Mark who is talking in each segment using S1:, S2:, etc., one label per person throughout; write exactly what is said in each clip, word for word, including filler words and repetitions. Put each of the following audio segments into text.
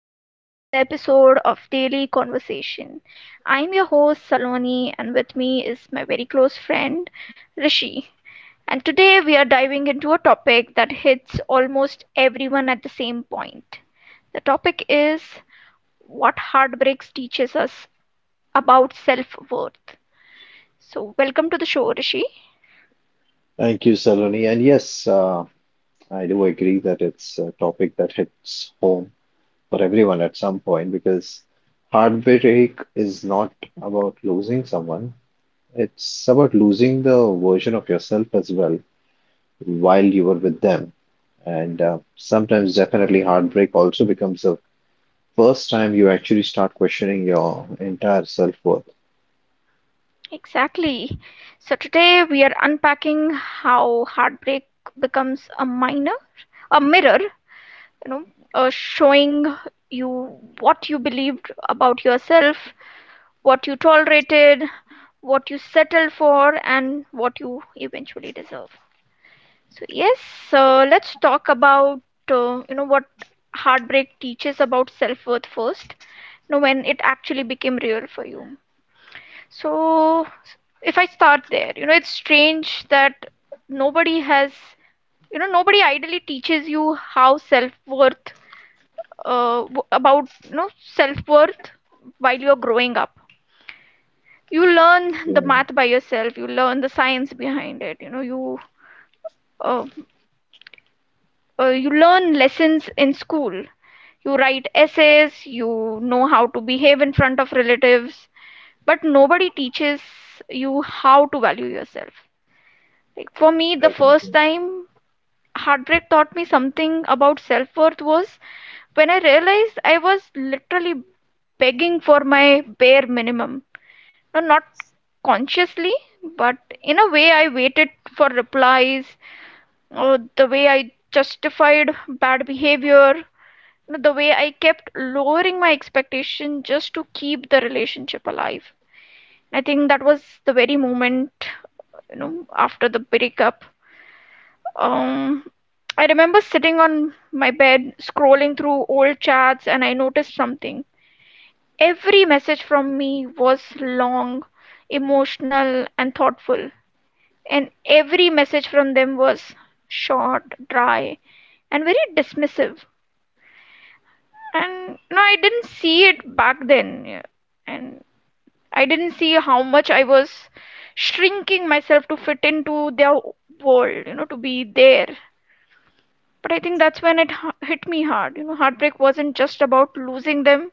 S1: back to another episode of Daily Conversation. I'm your host, Saloni, and with me is my very close friend, Rishi. And today we are diving into a topic that hits almost everyone at the same point. The topic is what heartbreaks teaches us about self worth. So, welcome to the show, Rishi.
S2: Thank you, Saloni. And yes, uh, I do agree that it's a topic that hits home for everyone at some point because heartbreak is not about losing someone, it's about losing the version of yourself as well while you were with them. And uh, sometimes, definitely, heartbreak also becomes the first time you actually start questioning your entire self-worth.
S1: Exactly. So, today we are unpacking how heartbreak becomes a minor, a mirror, you know uh, showing you what you believed about yourself, what you tolerated, what you settled for, and what you eventually deserve. So yes, so let's talk about, uh, you know what heartbreak teaches about self-worth first. You know, when it actually became real for you. So if I start there, you know, it's strange that nobody has you know nobody ideally teaches you how self-worth, uh, w- about, you know, self-worth while you're growing up. You learn the
S2: Yeah,
S1: math by yourself, you learn the science behind it, you know, you uh, uh, you learn lessons in school, you write essays, you know how to behave in front of relatives, but nobody teaches you how to value yourself. Like for me, the first time heartbreak taught me something about self-worth was when I realized I was literally begging for my bare minimum. No, not consciously, but in a way, I waited for replies, uh, the way I justified bad behavior, the way I kept lowering my expectation just to keep the relationship alive. I think that was the very moment, you know, after the breakup. Um, I remember sitting on my bed scrolling through old chats and I noticed something. Every message from me was long, emotional, and thoughtful, and every message from them was short, dry, and very dismissive. And no, I didn't see it back then, yeah. And I didn't see how much I was shrinking myself to fit into their world, you know, to be there. But I think that's when it hit me hard. You know, heartbreak wasn't just about losing them,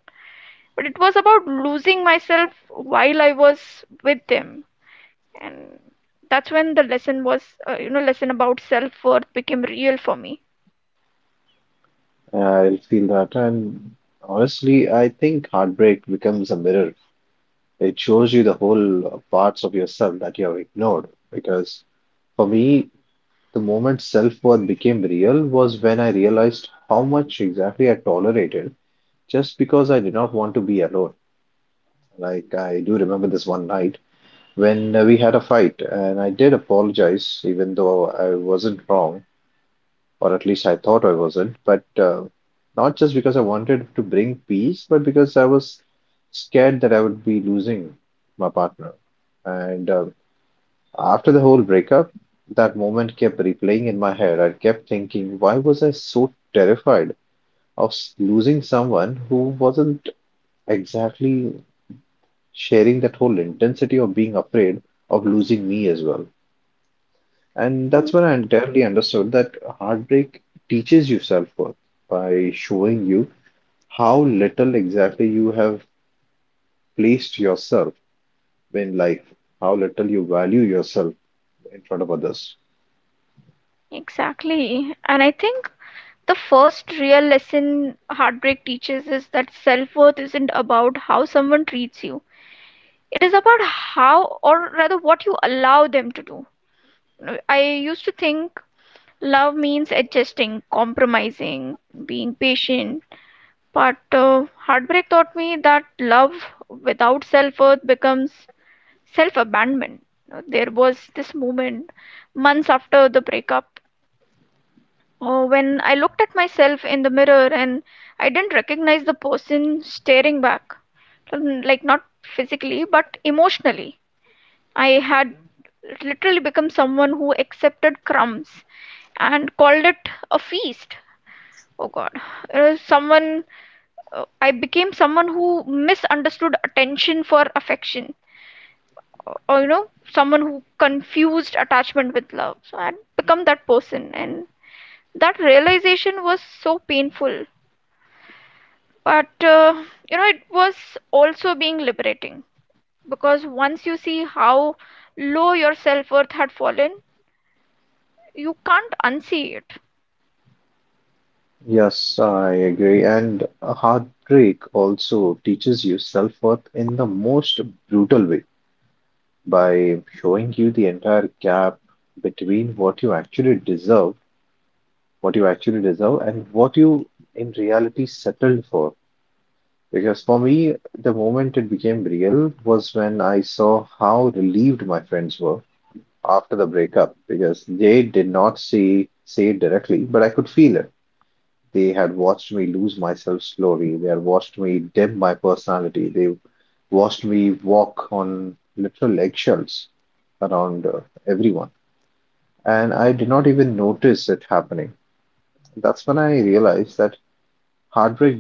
S1: but it was about losing myself while I was with them. And that's when the lesson was, uh, you know, lesson about self worth became real for me.
S2: I feel that. And honestly, I think heartbreak becomes a mirror. It shows you the whole uh, parts of yourself that you have ignored. Because for me, the moment self-worth became real was when I realized how much exactly I tolerated just because I did not want to be alone. Like, I do remember this one night when uh, we had a fight, and I did apologize, even though I wasn't wrong, or at least I thought I wasn't. But uh, not just because I wanted to bring peace, but because I was scared that I would be losing my partner. And uh, after the whole breakup, that moment kept replaying in my head. I kept thinking, why was I so terrified of s- losing someone who wasn't exactly sharing that whole intensity of being afraid of losing me as well? And that's
S1: Mm.
S2: when I entirely understood that heartbreak teaches you self-worth by showing you how little exactly you have placed yourself in life, how little you value yourself in front of others.
S1: Exactly. And I think the first real lesson heartbreak teaches is that self-worth isn't about how someone treats you. It is about how, or rather, what you allow them to do. You know, I used to think love means adjusting, compromising, being patient. But uh, heartbreak taught me that love without self-worth becomes self-abandonment. There was this moment months after the breakup. Oh, when I looked at myself in the mirror and I didn't recognize the person staring back. Um, like, not physically but emotionally. I had literally become someone who accepted crumbs and called it a feast. Oh God, it was someone, uh, I became someone who misunderstood attention for affection, or, or, you know, someone who confused attachment with love. So I had become that person, and that realization was so painful, but uh, you know, it was also being liberating, because once you see how low your self-worth had fallen, you can't unsee it.
S2: Yes, I agree. And heartbreak also teaches you self-worth in the most brutal way by showing you the entire gap between what you actually deserve, what you actually deserve, and what you in reality settled for. Because for me, the moment it became real was when I saw how relieved my friends were after the breakup, because they did not say say it directly, but I could feel it. They had watched me lose myself slowly. They had watched me dim my personality. They watched me walk on literal eggshells around uh, everyone. And I did not even notice it happening. That's when I realized that heartbreak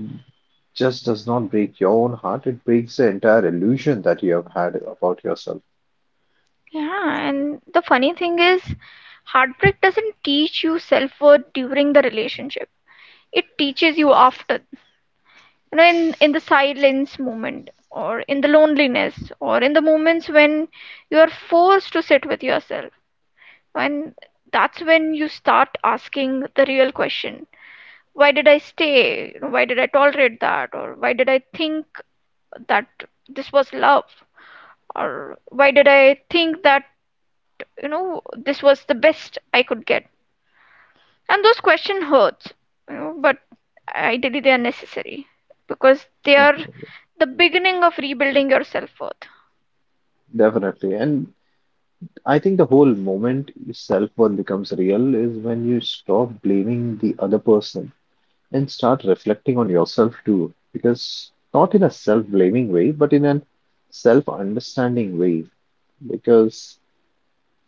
S2: just does not break your own heart, it breaks the entire illusion that you have had about yourself.
S1: Yeah, and the funny thing is, heartbreak doesn't teach you self-worth during the relationship, it teaches you after. You know, in in the silence moment, or in the loneliness, or in the moments when you are forced to sit with yourself. And that's when you start asking the real question. Why did I stay? You know, why did I tolerate that? Or why did I think that this was love? Or why did I think that, you know, this was the best I could get? And those questions hurt, you know, but ideally they are necessary, because they are
S2: Definitely.
S1: the beginning of rebuilding your self worth.
S2: Definitely. And I think the whole moment self worth becomes real is when you stop blaming the other person and start reflecting on yourself too, because not in a self blaming way, but in an self understanding way. Because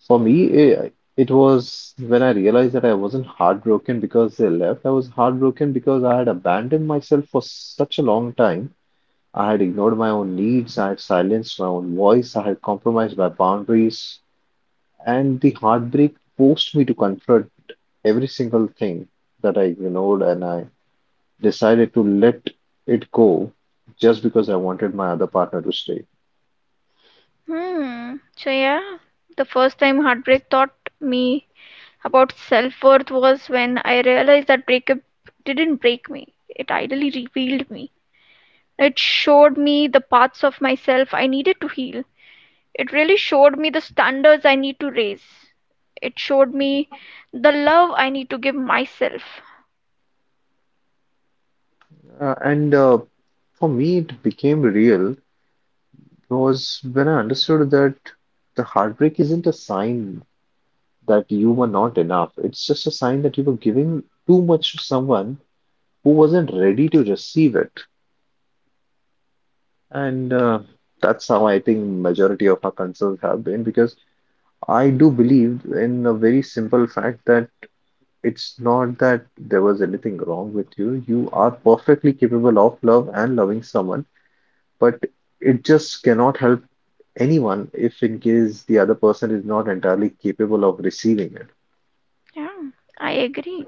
S2: for me, it, it was when I realized that I wasn't heartbroken because they left, I was heartbroken because I had abandoned myself for such a long time. I had ignored my own needs, I had silenced my own voice, I had compromised my boundaries, and the heartbreak forced me to confront every single thing that I ignored and I decided to let it go just because I wanted my other partner to stay.
S1: Hmm. So, yeah, the first time heartbreak taught me about self worth was when I realized that breakup didn't break me, it ideally revealed me. It showed me the parts of myself I needed to heal. It really showed me the standards I need to raise. It showed me the love I need to give myself.
S2: Uh, and uh, for me, it became real was when I understood that the heartbreak isn't a sign that you were not enough. It's just a sign that you were giving too much to someone who wasn't ready to receive it. And uh, that's how I think majority of our concerns have been because I do believe in a very simple fact that it's not that there was anything wrong with you. You are perfectly capable of love and loving someone, but it just cannot help anyone if in case the other person is not entirely capable of receiving it.
S1: Yeah, I agree.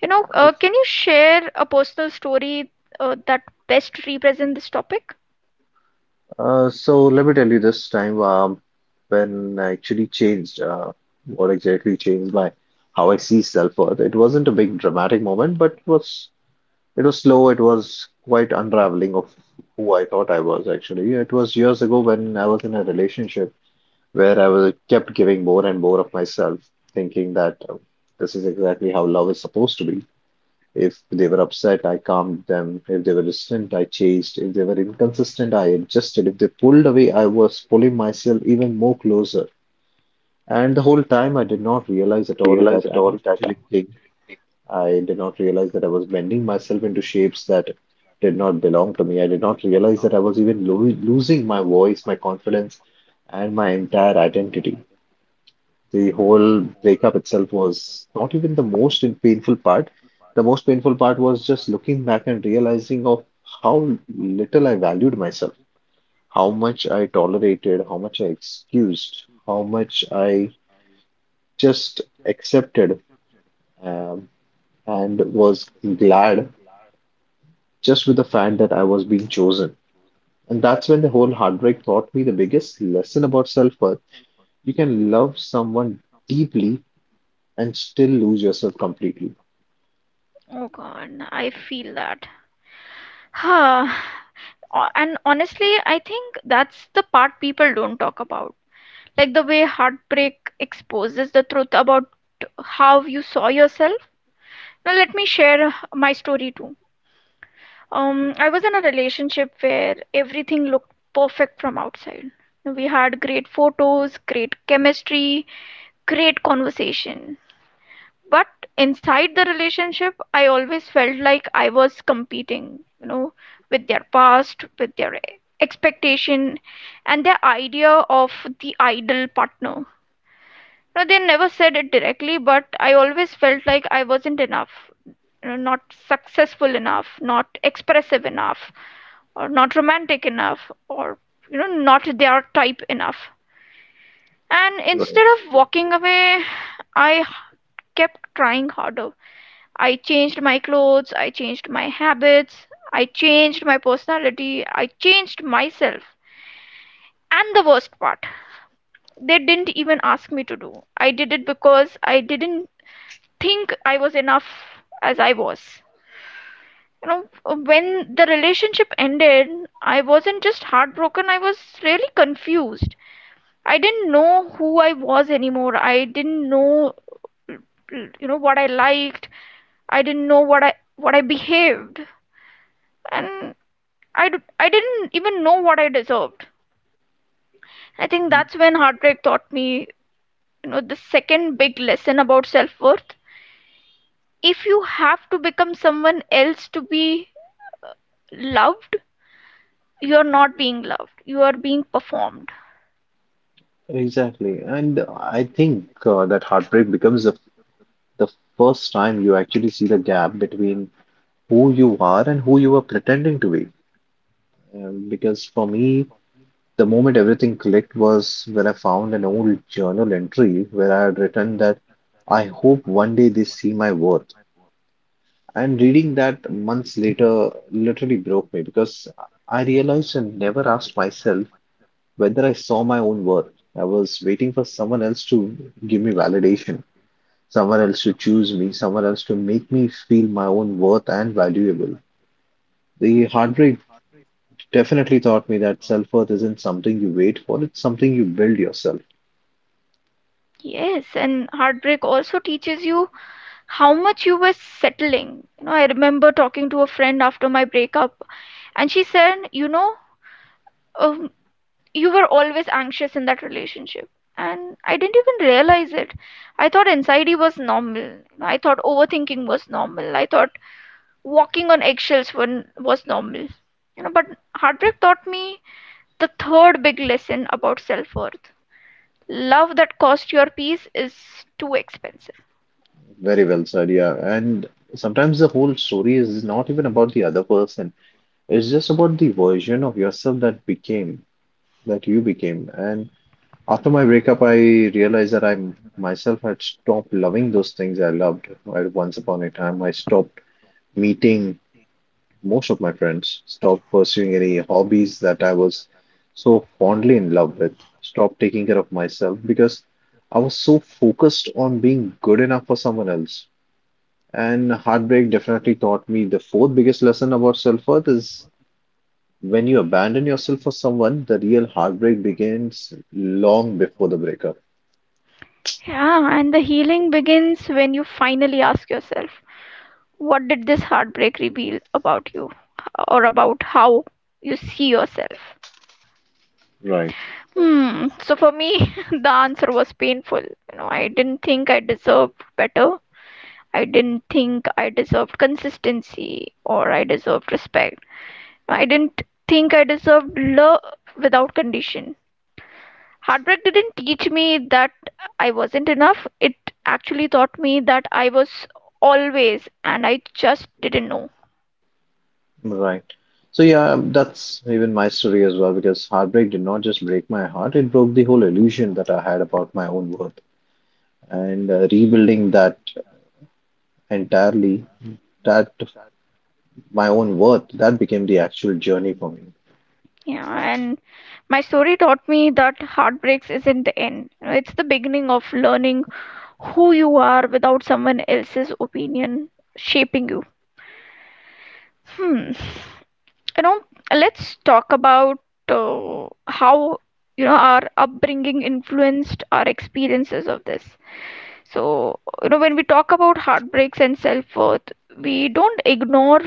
S1: You know, uh, can you share a personal story uh, that best represents this topic?
S2: Uh, so let me tell you this time um, when I actually changed uh, what exactly changed my how I see self-worth. It wasn't a big dramatic moment, but was it was slow. It was quite unraveling of who I thought I was actually. It was years ago when I was in a relationship where I was kept giving more and more of myself, thinking that um, this is exactly how love is supposed to be. If they were upset, I calmed them. If they were distant, I chased. If they were inconsistent, I adjusted. If they pulled away, I was pulling myself even more closer. And the whole time, I did not realize at all
S1: Realize
S2: that
S1: at
S2: I
S1: all
S2: was
S1: that
S2: shrinking. I did not realize that I was bending myself into shapes that did not belong to me. I did not realize that I was even lo losing my voice, my confidence, and my entire identity. The whole breakup itself was not even the most in- painful part. The most painful part was just looking back and realizing of how little I valued myself, how much I tolerated, how much I excused, how much I just accepted, um, and was glad just with the fact that I was being chosen. And that's when the whole heartbreak taught me the biggest lesson about self worth. You can love someone deeply and still lose yourself completely.
S1: Oh God, I feel that. O- And honestly, I think that's the part people don't talk about. Like the way heartbreak exposes the truth about how you saw yourself. Now, let me share my story too. Um, I was in a relationship where everything looked perfect from outside. We had great photos, great chemistry, great conversation. But inside the relationship, I always felt like I was competing, you know, with their past, with their expectation, and their idea of the ideal partner. No, they never said it directly, but I always felt like I wasn't enough, you know, not successful enough, not expressive enough, or not romantic enough, or you know, not their type enough. And
S2: Right.
S1: instead of walking away, I kept trying harder. I changed my clothes, I changed my habits, I changed my personality, I changed myself. And the worst part, they didn't even ask me to do. I did it because I didn't think I was enough as I was. You know, when the relationship ended, I wasn't just heartbroken, I was really confused. I didn't know who I was anymore. I didn't know, you know, what I liked. I didn't know what I what I behaved, and I I d- I didn't even know what I deserved. I think that's when heartbreak taught me, you know, the second big lesson about self worth. If you have to become someone else to be loved, you're not being loved, you are being performed.
S2: Exactly. And I think uh, that heartbreak becomes the, the first time you actually see the gap between who you are and who you were pretending to be. Um, because for me, the moment everything clicked was when I found an old journal entry where I had written that I hope one day they see my worth. And reading that months later literally broke me because I realized I never asked myself whether I saw my own worth. I was waiting for someone else to give me validation, someone else to choose me, someone else to make me feel my own worth and valuable. The heartbreak definitely taught me that self-worth isn't something you wait for, it's something you build yourself.
S1: Yes, and heartbreak also teaches you how much you were settling. You know, I remember talking to a friend after my breakup and she said, you know, um, you were always anxious in that relationship, and I didn't even realize it. I thought anxiety was normal, I thought overthinking was normal, I thought walking on eggshells were- was normal. You know, but heartbreak taught me the third big lesson about self-worth. Love that cost your peace is too expensive.
S2: Very well said, yeah. And sometimes the whole story is not even about the other person, it's just about the version of yourself that became. that you became. And after my breakup, I realized that I myself had stopped loving those things I loved at once upon a time. I stopped meeting most of my friends, stopped pursuing any hobbies that I was so fondly in love with, stopped taking care of myself because I was so focused on being good enough for someone else. And heartbreak definitely taught me the fourth biggest lesson about self-worth is when you abandon yourself for someone, the real heartbreak begins long before the breakup.
S1: Yeah, and the healing begins when you finally ask yourself, what did this heartbreak reveal about you, or about how you see yourself?
S2: Right.
S1: Hmm, so for me, the answer was painful. You know, I didn't think I deserved better. I didn't think I deserved consistency or I deserved respect. I didn't think I deserved love without condition. Heartbreak didn't teach me that I wasn't enough. It actually taught me that I was always, and I just didn't know.
S2: Right. So yeah, that's even my story as well because heartbreak did not just break my heart, it broke the whole illusion that I had about my own worth. And uh, rebuilding that entirely, that my own worth, that became the actual journey for me.
S1: Yeah, and my story taught me that heartbreaks isn't the end. You know, it's the beginning of learning who you are without someone else's opinion shaping you. Hmm. You know, let's talk about, uh, how, you know, our upbringing influenced our experiences of this. So, you know, when we talk about heartbreaks and self worth, we don't ignore,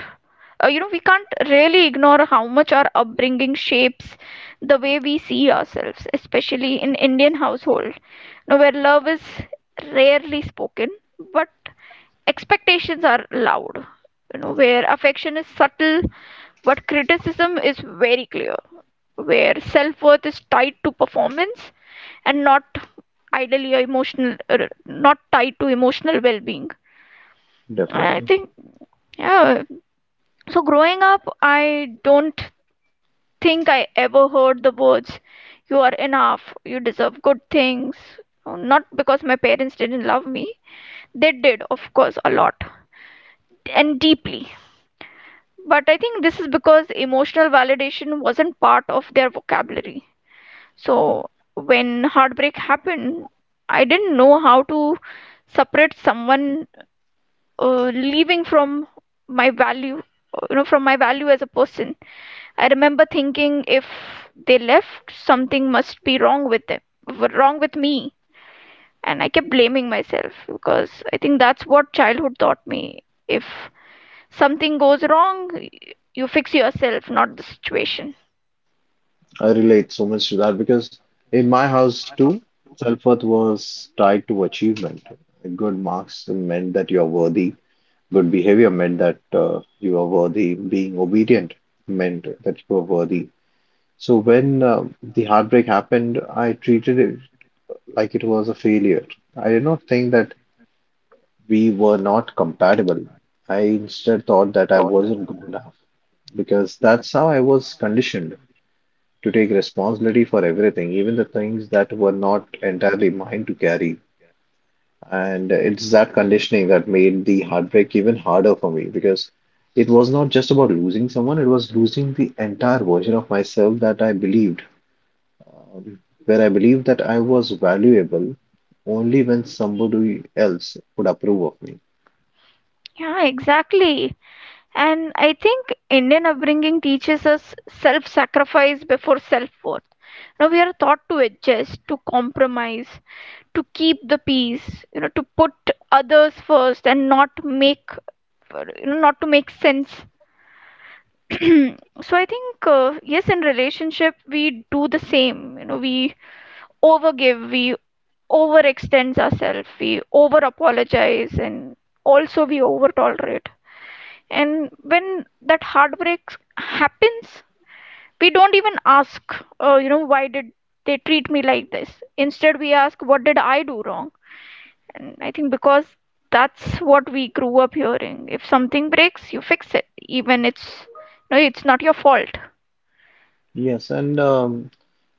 S1: uh, you know, we can't really ignore how much our upbringing shapes the way we see ourselves, especially in Indian household, you know, where love is rarely spoken, but expectations are loud. You know, where affection is subtle, but criticism is very clear. Where self worth is tied to performance, and not ideally emotional er, not tied to emotional well-being. I
S2: Definitely.
S1: think, yeah, so growing up, I don't think I ever heard the words, you are enough, you deserve good things. Not because my parents didn't love me, they did, of course, a lot and deeply, but I think this is because emotional validation wasn't part of their vocabulary. So when heartbreak happened, I didn't know how to separate someone, uh, leaving from my value, uh, you know, from my value as a person. I remember thinking, if they left, something must be wrong with them, wrong with me. And I kept blaming myself, because I think that's what childhood taught me. If something goes wrong, y- you fix yourself, not the situation.
S2: I relate so much to that because in my house too, self-worth was tied to achievement. Good marks meant that you're worthy. Good behavior meant that uh, you are worthy. Being obedient meant that you are worthy. So when um the heartbreak happened, I treated it like it was a failure. I did not think that we were not compatible. I instead thought that I wasn't good enough because that's how I was conditioned to take responsibility for everything, even the things that were not entirely mine to carry. And it's that conditioning that made the heartbreak even harder for me because it was not just about losing someone, it was losing the entire version of myself that I believed, um, where I believed that I was valuable only when somebody else would approve of me.
S1: Yeah, exactly. And I think Indian upbringing teaches us self sacrifice before self worth. Now we are taught to adjust, to compromise, to keep the peace, you know, to put others first and not make, you know, not to make sense. So I think, uh, yes, in relationship we do the same. You know, we overgive, we overextend ourselves, we over apologize, and also we over tolerate. And when that heartbreak happens, we don't even ask, uh, you know why did they treat me like this? Instead we ask, what did I do wrong? And I think because that's what we grew up hearing: if something breaks you fix it, even it's no it's not your fault.
S2: Yes, and um,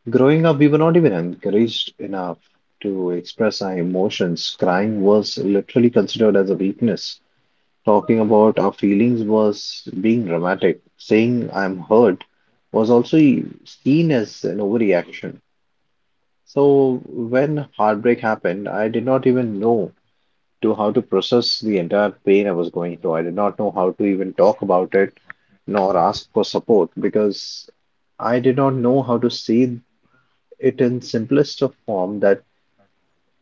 S2: growing up, we were not even encouraged enough to express our emotions. Crying was literally considered as a weakness. Talking about our feelings was being dramatic. Saying I'm hurt was also e-, seen as an overreaction. So when heartbreak happened, I did not even know to how to process the entire pain I was going through. I did not know how to even talk about it nor ask for support because I did not know how to say it in simplest of form that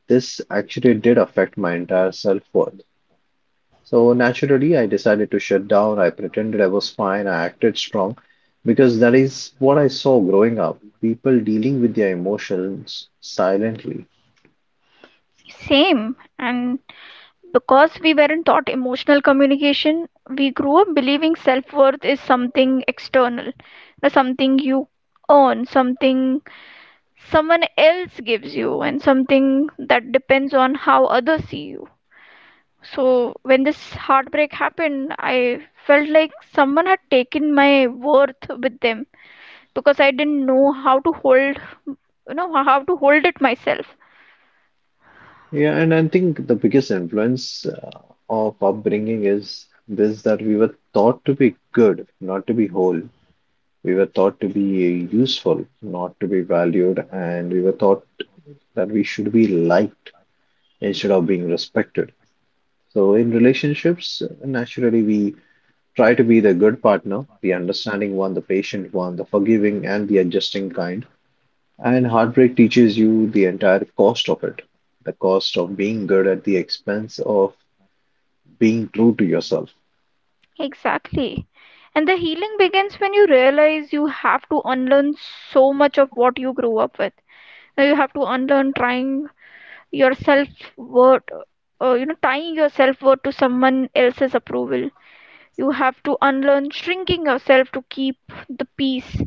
S2: this actually did affect my entire self-worth. So naturally, I decided to shut down. I pretended I was fine. I acted strong because that is what I saw growing up people dealing with their emotions silently.
S1: Same. And because we weren't taught emotional communication, we grew up believing self-worth is something external. Uh, something you earn, something someone else gives you, and something that depends on how others see you. So when this heartbreak happened, I felt like someone had taken my worth with them, because I didn't know how to hold, you know how to hold it myself.
S2: Yeah, and I think the biggest influence uh, of upbringing is this that we were taught to be good, not to be whole. We were taught to be useful, not to be valued, and we were taught that we should be liked instead of being respected. So in relationships, naturally we try to be the good partner, the understanding one, the patient one, the forgiving and the adjusting kind. And heartbreak teaches you the entire cost of it, the cost of being good at the expense of being true to yourself.
S1: Exactly. And the healing begins when you realize you have to unlearn so much of what you grew up with. Now you have to unlearn trying yourself worth, uh, you know tying your self worth to someone else's approval. You have to unlearn shrinking yourself to keep the peace.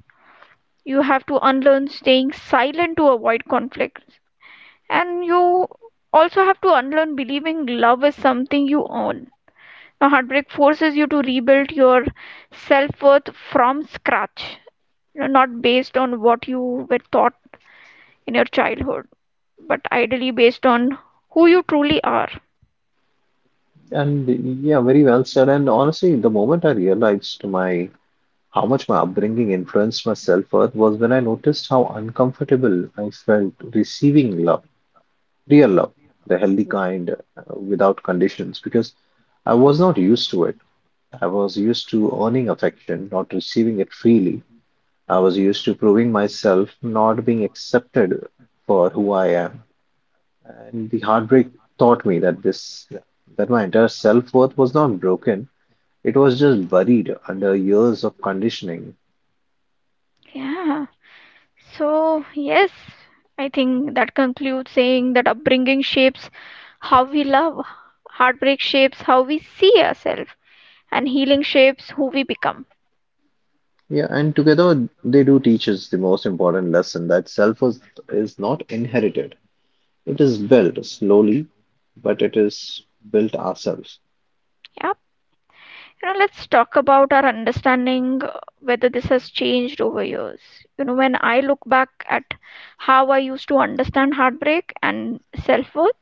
S1: You have to unlearn staying silent to avoid conflicts. And you also have to unlearn believing love is something you own. Now, heartbreak forces you to rebuild your self worth from scratch, you know, not based on what you were taught in your childhood, but ideally based on who you truly are.
S2: And yeah, very well said. And honestly, the moment I realized my how much my upbringing influenced my self-worth was when I noticed how uncomfortable I felt receiving love, real love, the healthy kind, uh, without conditions, because I was not used to it. I was used to earning affection, not receiving it freely. I was used to proving myself, not being accepted for who I am. And the heartbreak taught me that this, that my entire self-worth was not broken. It was just buried under years of conditioning.
S1: Yeah. So, yes, I think that concludes saying that upbringing shapes how we love, heartbreak shapes how we see ourselves, and healing shapes who we become.
S2: Yeah, and together they do teach us the most important lesson that self-worth is not inherited. It is built slowly, but it is built ourselves.
S1: Yeah. You know, let's talk about our understanding, uh, whether this has changed over years. You know, when I look back at how I used to understand heartbreak and self worth,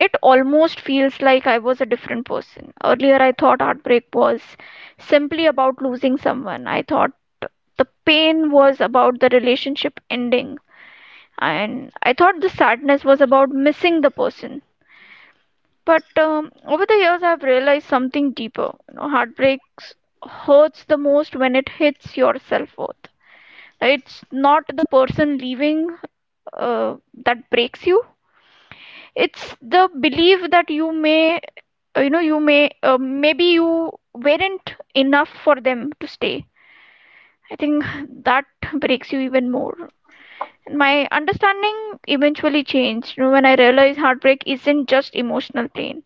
S1: it almost feels like I was a different person. Earlier, I thought heartbreak was simply about losing someone. I thought the pain was about the relationship ending, and I thought the sadness was about missing the person. But um, over the years, I've realized something deeper. You know, heartbreaks hurts the most when it hits your self worth. It's not the person leaving, uh, that breaks you. It's the belief that you may, uh, you know you may uh, maybe you weren't enough for them to stay. I think that breaks you even more. And my understanding eventually changed, you know, when I realized heartbreak isn't just emotional pain,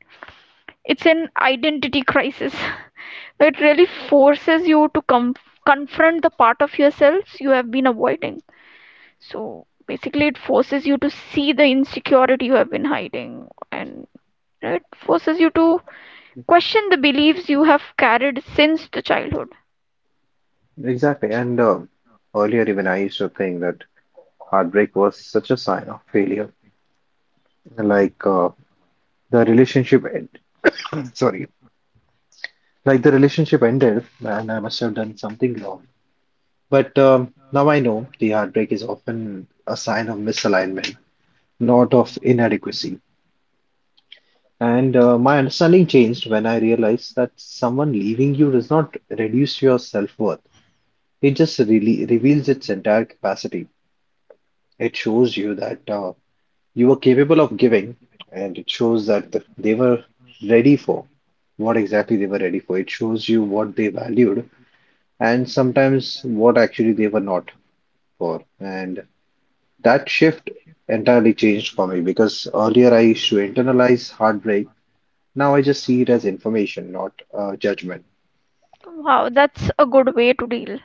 S1: it's an identity crisis. It really forces you to com- confront the part of yourselves you have been avoiding. So basically it forces you to see the insecurity you have been hiding, and it forces you to question the beliefs you have carried since the childhood.
S2: Exactly. And uh, Earlier, even I used to think that heartbreak was such a sign of failure. Like uh, the relationship end. Sorry. Like the relationship ended, and I must have done something wrong. But um, Now I know the heartbreak is often a sign of misalignment, not of inadequacy. And uh, My understanding changed when I realized that someone leaving you does not reduce your self worth. It just really reveals its entire capacity. It shows you that uh, you were capable of giving, and it shows that the, they were ready for what exactly they were ready for. It shows you what they valued and sometimes what actually they were not for. And that shift entirely changed for me because earlier I used to internalize heartbreak. Now I just see it as information, not uh, judgment.
S1: Wow, that's a good way to deal.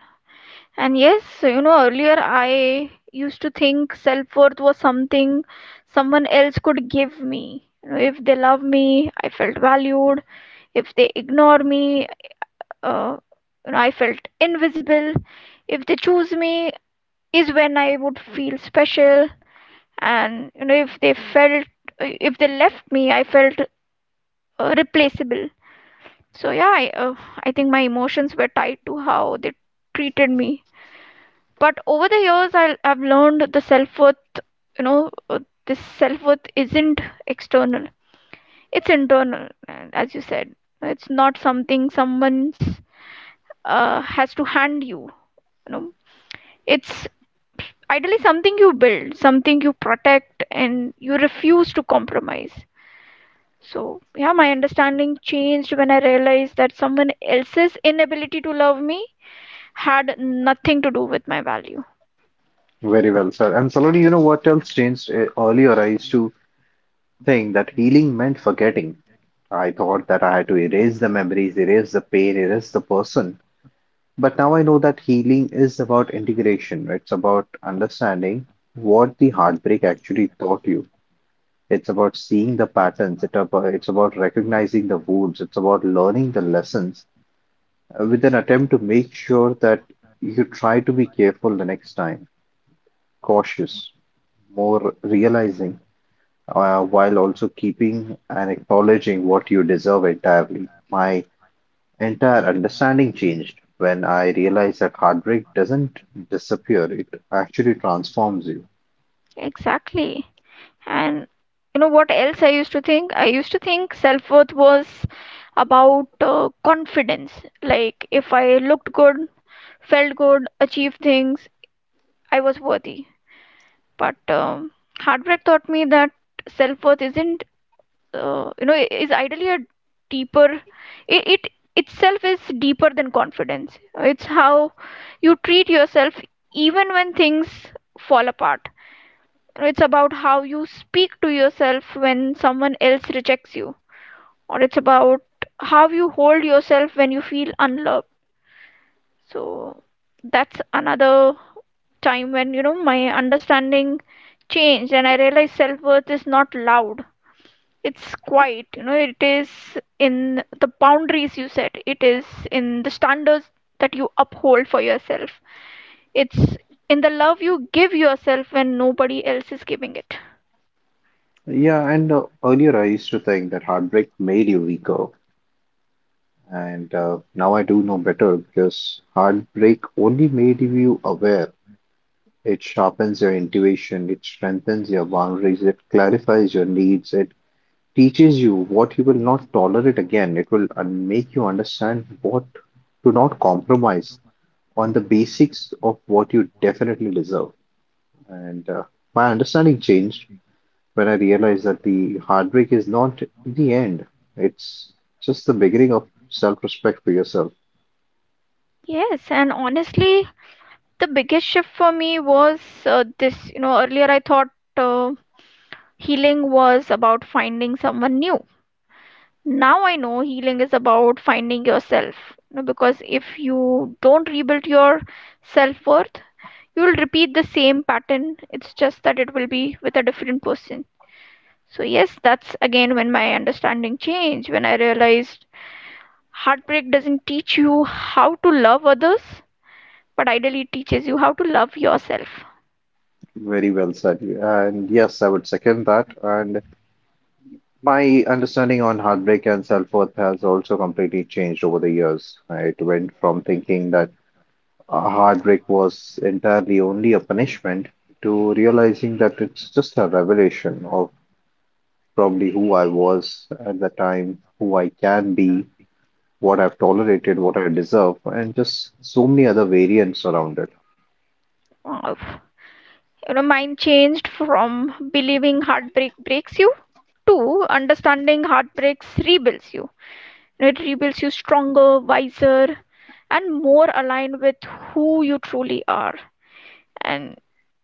S1: And yes, so, you know, earlier I used to think self worth was something someone else could give me. You know, if they love me, I felt valued. If they ignore me, uh, you know, I felt invisible. If they choose me, is when I would feel special. And you know, if they felt, if they left me, I felt uh, replaceable. So yeah, I, uh, I think my emotions were tied to how they treated me. But over the years, I, I've learned the self worth. You know, uh, this self worth isn't external; it's internal. And as you said, it's not something someone's uh, has to hand you. You know, it's ideally something you build, something you protect, and you refuse to compromise. So, yeah, my understanding changed when I realized that someone else's inability to love me had nothing to do with my value.
S2: Very well, sir. And Saloni, you know what else changed? Uh, Earlier, I used to think that healing meant forgetting. I thought that I had to erase the memories, erase the pain, erase the person. But now I know that healing is about integration, right? It's about understanding what the heartbreak actually taught you. It's about seeing the patterns. It about, it's about recognizing the wounds. It's about learning the lessons uh, with an attempt to make sure that you try to be careful the next time, cautious, more realizing, uh, while also keeping and acknowledging what you deserve entirely. My Entire understanding changed when I realized that heartbreak doesn't disappear, it actually transforms you.
S1: Exactly. And you know what else I used to think? I used to think self worth was about uh, confidence. Like if I looked good, felt good, achieved things, I was worthy. But um, heartbreak taught me that self worth isn't, uh, you know, is ideally a deeper. It, it itself is deeper than confidence. It's how you treat yourself even when things fall apart. It's about how you speak to yourself when someone else rejects you, or it's about how you hold yourself when you feel unloved. So that's another time when, you know, my understanding changed, and I realized self-worth is not loud, it's quiet. You know, it is in the boundaries you set, it is in the standards that you uphold for yourself, it's in the love you give yourself when nobody else is giving it.
S2: Yeah, and uh, earlier I used to think that heartbreak made you weaker, and uh, now I do know better because heartbreak only made you aware. It sharpens your intuition, it strengthens your boundaries, it clarifies your needs, it teaches you what you will not tolerate again. It will uh, make you understand what to not compromise on the basics of what you definitely deserve. And uh, My understanding changed when I realized that the heartbreak is not the end, it's just the beginning of self respect for yourself.
S1: Yes, and honestly, the biggest shift for me was uh, this. You know, earlier I thought uh, healing was about finding someone new. Now I know healing is about finding yourself. You know, because if you don't rebuild your self worth, you will repeat the same pattern. It's just that it will be with a different person. So, yes, that's again when my understanding changed, when I realized heartbreak doesn't teach you how to love others, but ideally it teaches you how to love yourself.
S2: Very well said. And yes, I would second that. And my understanding on heartbreak and self worth has also completely changed over the years. It went from thinking that a heartbreak was entirely only a punishment to realizing that it's just a revelation of probably who I was at the time, who I can be, what I've tolerated, what I deserve, and just so many other variants around it.
S1: Wow. You know, mine changed from believing heartbreak breaks you to understanding heartbreaks rebuilds you. It rebuilds you stronger, wiser, and more aligned with who you truly are. And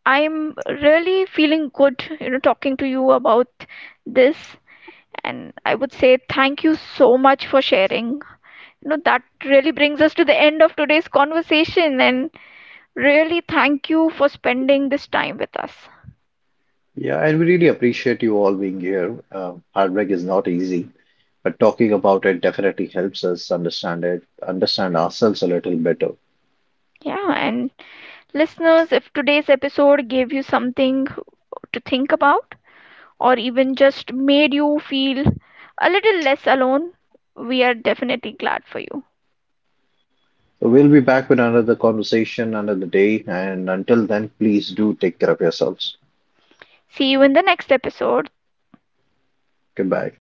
S1: I'm really feeling good, you know, talking to you about this. And I would say thank you so much for sharing. You know, that really brings us to the end of today's conversation. And really, thank you for spending this time with us.
S2: Yeah, and we really appreciate you all being here. Uh, heartbreak is not easy, but talking about it definitely helps us understand it, understand ourselves a little better.
S1: Yeah, and listeners, if today's episode gave you something to think about or even just made you feel a little less alone, we are definitely glad for you.
S2: So we'll be back with another conversation another day, and until then, please do take care of yourselves.
S1: See you in the next episode.
S2: Goodbye.